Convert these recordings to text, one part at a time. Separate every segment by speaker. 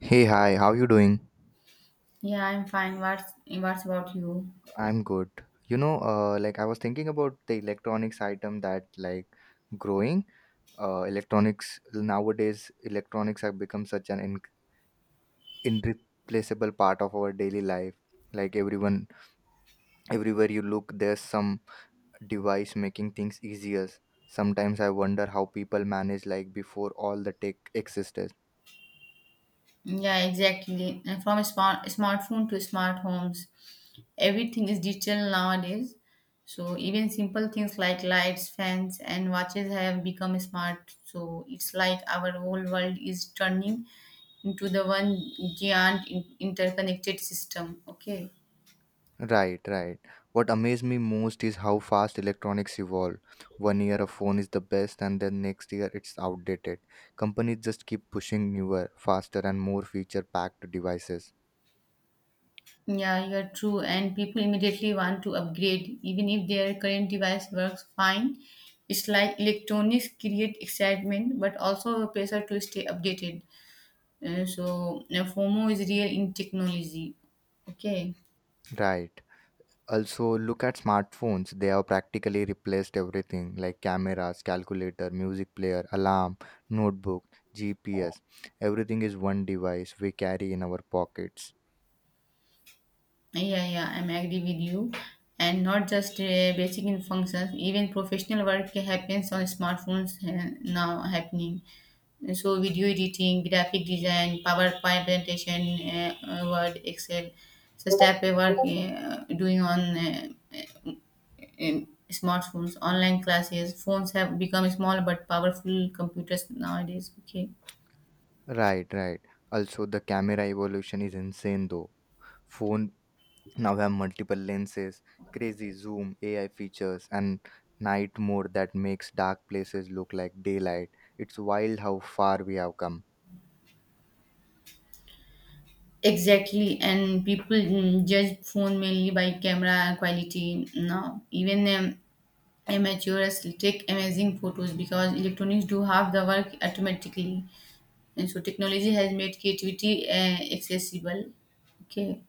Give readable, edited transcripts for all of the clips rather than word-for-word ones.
Speaker 1: Hey, hi, how you doing?
Speaker 2: Yeah, I'm fine. What's about you?
Speaker 1: I'm good. Like I was thinking about the electronics item that like growing. Electronics nowadays, electronics have become such an in irreplaceable part of our daily life. Like everyone, everywhere you look, there's some device making things easier. Sometimes I wonder how people manage like before all the tech existed.
Speaker 2: Yeah, exactly. And from smart smartphone to smart homes, everything is digital nowadays. So even simple things like lights, fans, and watches have become smart. So it's like our whole world is turning into the one giant interconnected system. Okay.
Speaker 1: Right, right. What amazed me most is how fast electronics evolve. One year a phone is the best, and then next year it's outdated. Companies just keep pushing newer, faster, and more feature packed devices.
Speaker 2: Yeah, you're true. And people immediately want to upgrade, even if their current device works fine. It's like electronics create excitement, but also a pressure to stay updated. So FOMO is real in technology. Okay.
Speaker 1: Right. Also, look at smartphones. They have practically replaced everything like cameras, calculator, music player, alarm, notebook, GPS. Everything is one device we carry in our pockets.
Speaker 2: Yeah, yeah, I'm agree with you. And not just basic in functions, even professional work happens on smartphones now happening. So video editing, graphic design, PowerPoint presentation, Word, Excel, so step by work doing on in smartphones, online classes. Phones have become small but powerful computers nowadays. Okay.
Speaker 1: Right, right. Also, the camera evolution is insane though. Phone now we have multiple lenses, crazy zoom, ai features, and night mode that makes dark places look like daylight. It's wild how far we have come.
Speaker 2: Exactly, and people judge phone mainly by camera quality now. Even amateurs take amazing photos because electronics do half the work automatically. And so technology has made creativity accessible. Okay.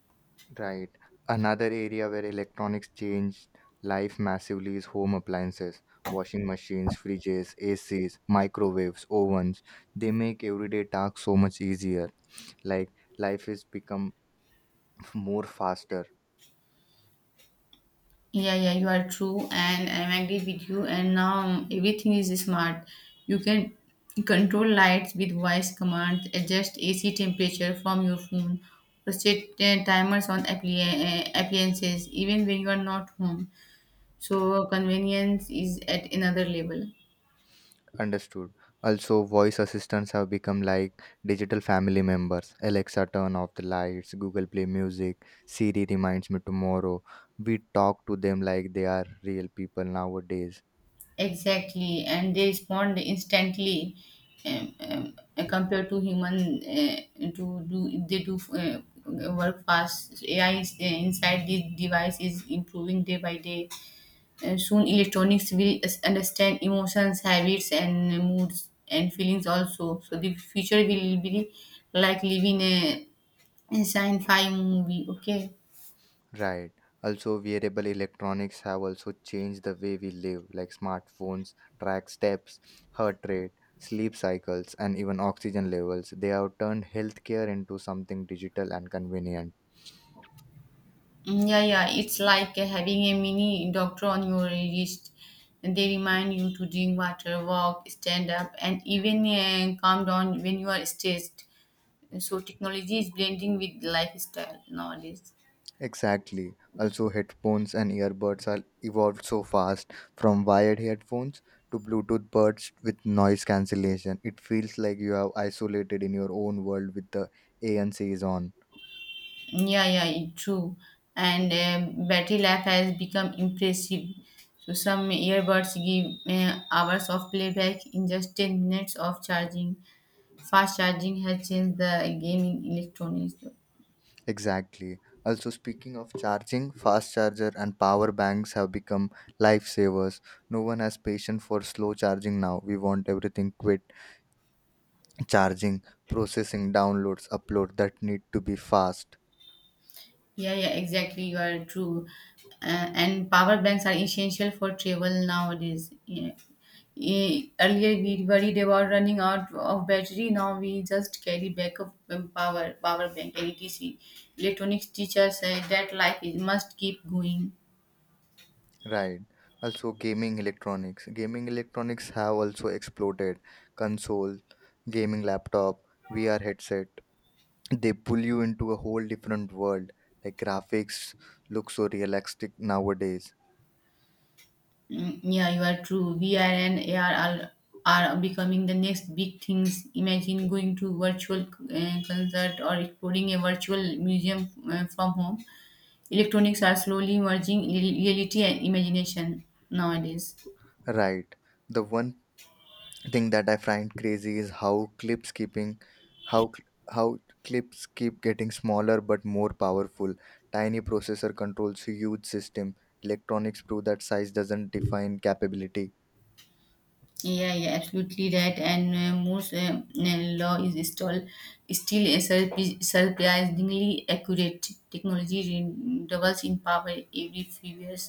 Speaker 1: Right, another area where electronics changed life massively is home appliances: washing machines, fridges, acs, microwaves, ovens. They make everyday tasks so much easier. Like life has become more faster.
Speaker 2: Yeah, yeah, you are true, and I'm agree with you. And now everything is smart. You can control lights with voice commands, adjust AC temperature from your phone, or set timers on appliances even when you are not home. So convenience is at another level.
Speaker 1: Understood. Also, voice assistants have become like digital family members. Alexa, turn off the lights. Google Play Music. Siri reminds me tomorrow. We talk to them like they are real people nowadays.
Speaker 2: Exactly, and they respond instantly compared to human to do they do work fast. AI inside the device is improving day by day. And soon, electronics will understand emotions, habits, and moods and feelings also. So the future will be like living a sci-fi movie. Okay.
Speaker 1: Right. Also, wearable electronics have also changed the way we live, like smartphones track steps, heart rate, sleep cycles, and even oxygen levels. They have turned healthcare into something digital and convenient.
Speaker 2: Yeah, yeah, it's like having a mini doctor on your wrist. They remind you to drink water, walk, stand up, and even calm down when you are stressed. So technology is blending with lifestyle nowadays.
Speaker 1: Exactly. Also, headphones and earbuds are evolved so fast from wired headphones to Bluetooth buds with noise cancellation. It feels like you are isolated in your own world with the ANC is on.
Speaker 2: Yeah, yeah, true. And battery life has become impressive. So some earbuds give hours of playback in just 10 minutes of charging. Fast charging has changed the gaming electronics.
Speaker 1: Exactly. Also, speaking of charging, fast charger and power banks have become lifesavers. No one has patience for slow charging now. We want everything quick: charging, processing, downloads, upload that need to be fast.
Speaker 2: Yeah, yeah, exactly. You are true. And power banks are essential for travel nowadays. Yeah. Earlier we worried about running out of battery. Now we just carry backup power bank, and etc. Electronics teacher said that life is must keep going.
Speaker 1: Right. Also, gaming electronics. Gaming electronics have also exploded. Console, gaming laptop, VR headset. They pull you into a whole different world. Like graphics look so realistic nowadays.
Speaker 2: Yeah, you are true. VR and AR are becoming the next big things. Imagine going to virtual concert or exploring a virtual museum from home. Electronics are slowly merging reality and imagination nowadays.
Speaker 1: Right. The one thing that I find crazy is how clips keeping, how cl- how clips keep getting smaller but more powerful. Tiny processor controls huge system. Electronics prove that size doesn't define capability.
Speaker 2: Yeah, yeah, absolutely right. And Moore's law is still a surprisingly accurate. Technology doubles in power every few years,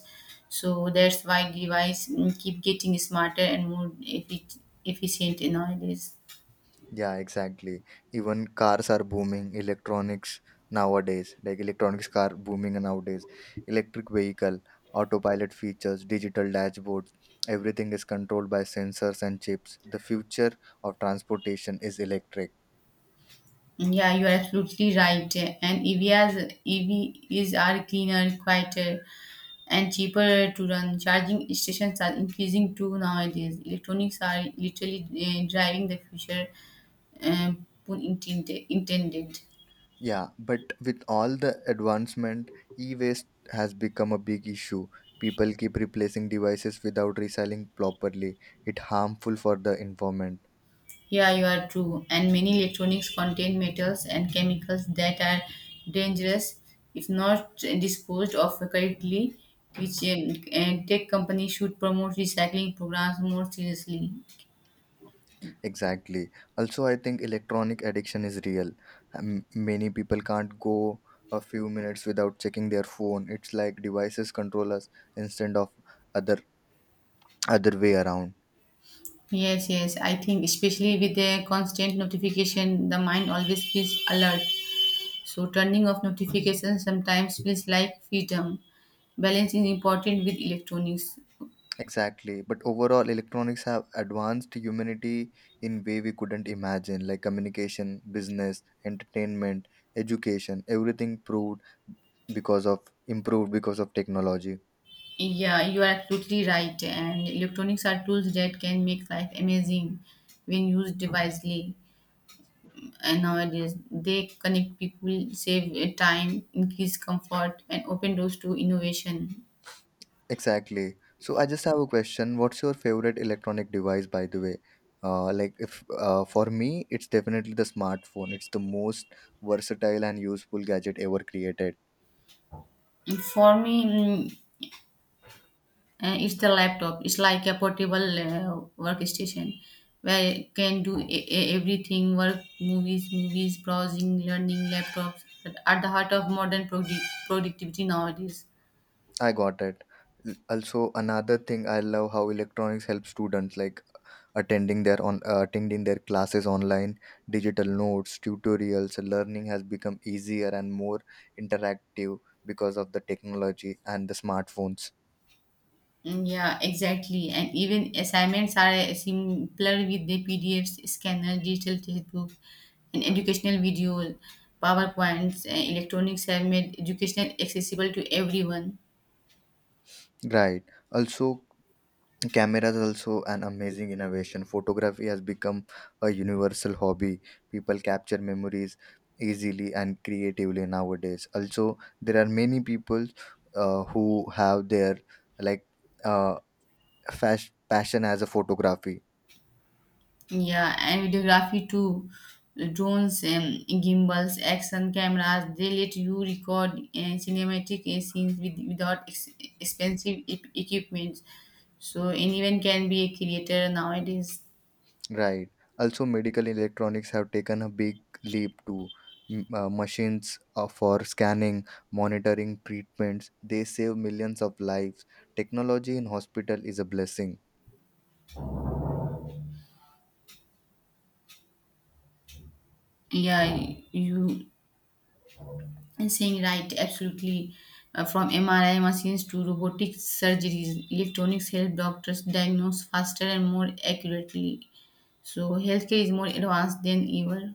Speaker 2: so that's why device keep getting smarter and more efficient nowadays.
Speaker 1: Yeah, exactly. Even cars are booming, electronics nowadays, like electronics car booming nowadays, electric vehicle, autopilot features, digital dashboards, everything is controlled by sensors and chips. The future of transportation is electric.
Speaker 2: Yeah, you are absolutely right. And EVs are cleaner, quieter, and cheaper to run. Charging stations are increasing too nowadays. Electronics are literally driving the future, pun intended.
Speaker 1: Yeah, but with all the advancement, e-waste has become a big issue. People keep replacing devices without recycling properly. It harmful for the environment.
Speaker 2: Yeah, you are true. And many electronics contain metals and chemicals that are dangerous if not disposed of correctly, which and tech companies should promote recycling programs more seriously.
Speaker 1: Exactly. Also, I think electronic addiction is real. Many people can't go a few minutes without checking their phone. It's like devices control us instead of other other way around.
Speaker 2: Yes, yes, I think especially with the constant notification, the mind always is alert. So, turning off notifications sometimes feels like freedom. Balance is important with electronics.
Speaker 1: Exactly. But overall, electronics have advanced humanity in way we couldn't imagine, like communication, business, entertainment, education. Everything proved because of improved because of technology.
Speaker 2: Yeah, you are absolutely right. And electronics are tools that can make life amazing when used wisely. And nowadays, they connect people, save time, increase comfort, and open doors to innovation.
Speaker 1: Exactly. So I just have a question. What's your favorite electronic device, by the way? Like if For me, it's definitely the smartphone. It's the most versatile and useful gadget ever created.
Speaker 2: For me, mm, and it's the laptop. It's like a portable workstation where you can do everything: work, movies, browsing, learning. Laptops at the heart of modern productivity nowadays.
Speaker 1: I got it. Also, another thing I love how electronics help students like attending their classes online, digital notes, tutorials. Learning has become easier and more interactive because of the technology and the smartphones.
Speaker 2: Yeah, exactly. And even assignments are simpler with the PDFs, scanner, digital textbook, and educational video, PowerPoints. And electronics have made education accessible to everyone.
Speaker 1: Right. Also, camera is also an amazing innovation. Photography has become a universal hobby. People capture memories easily and creatively nowadays. Also there are many people who have their like uh, passion as a photography.
Speaker 2: Yeah, and videography too. Drones, gimbals, action cameras, they let you record cinematic scenes without expensive equipment. So anyone can be a creator nowadays.
Speaker 1: Right, also medical electronics have taken a big leap to machines for scanning, monitoring treatments. They save millions of lives. Technology in hospital is a blessing.
Speaker 2: Yeah, you are saying right, absolutely. From MRI machines to robotic surgeries, electronics help doctors diagnose faster and more accurately. So healthcare is more advanced than ever.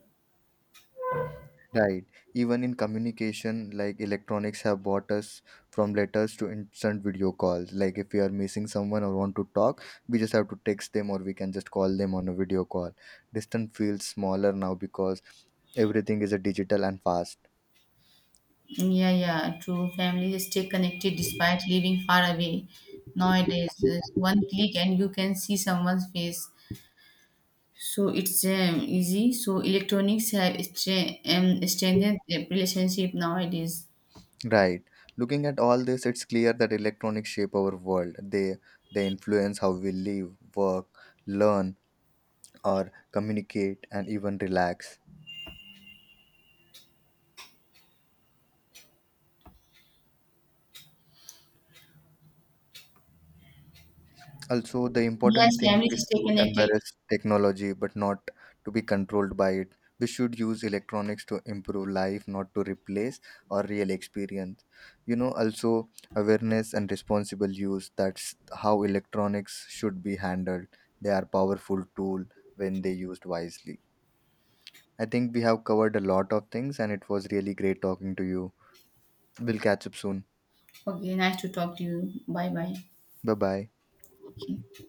Speaker 1: Right. Even in communication, like electronics have brought us from letters to instant video calls. Like if we are missing someone or want to talk, we just have to text them or we can just call them on a video call. Distance feels smaller now because everything is a digital and fast.
Speaker 2: Yeah, yeah, true. Families stay connected despite living far away. Nowadays, there's one click and you can see someone's face. So it's easy. So electronics have strengthened the relationship nowadays.
Speaker 1: Right. Looking at all this, it's clear that electronics shape our world. They influence how we live, work, learn, or communicate and even relax. Also, the important
Speaker 2: Yes,
Speaker 1: thing is
Speaker 2: families stay
Speaker 1: to
Speaker 2: connected.
Speaker 1: embrace technology but not to be controlled by it. We should use electronics to improve life, not to replace our real experience. You know, also awareness and responsible use, that's how electronics should be handled. They are powerful tool when they used wisely. I think we have covered a lot of things and it was really great talking to you. We'll catch up soon.
Speaker 2: Okay, nice to talk to you. Bye bye.
Speaker 1: Bye bye.
Speaker 2: Okay.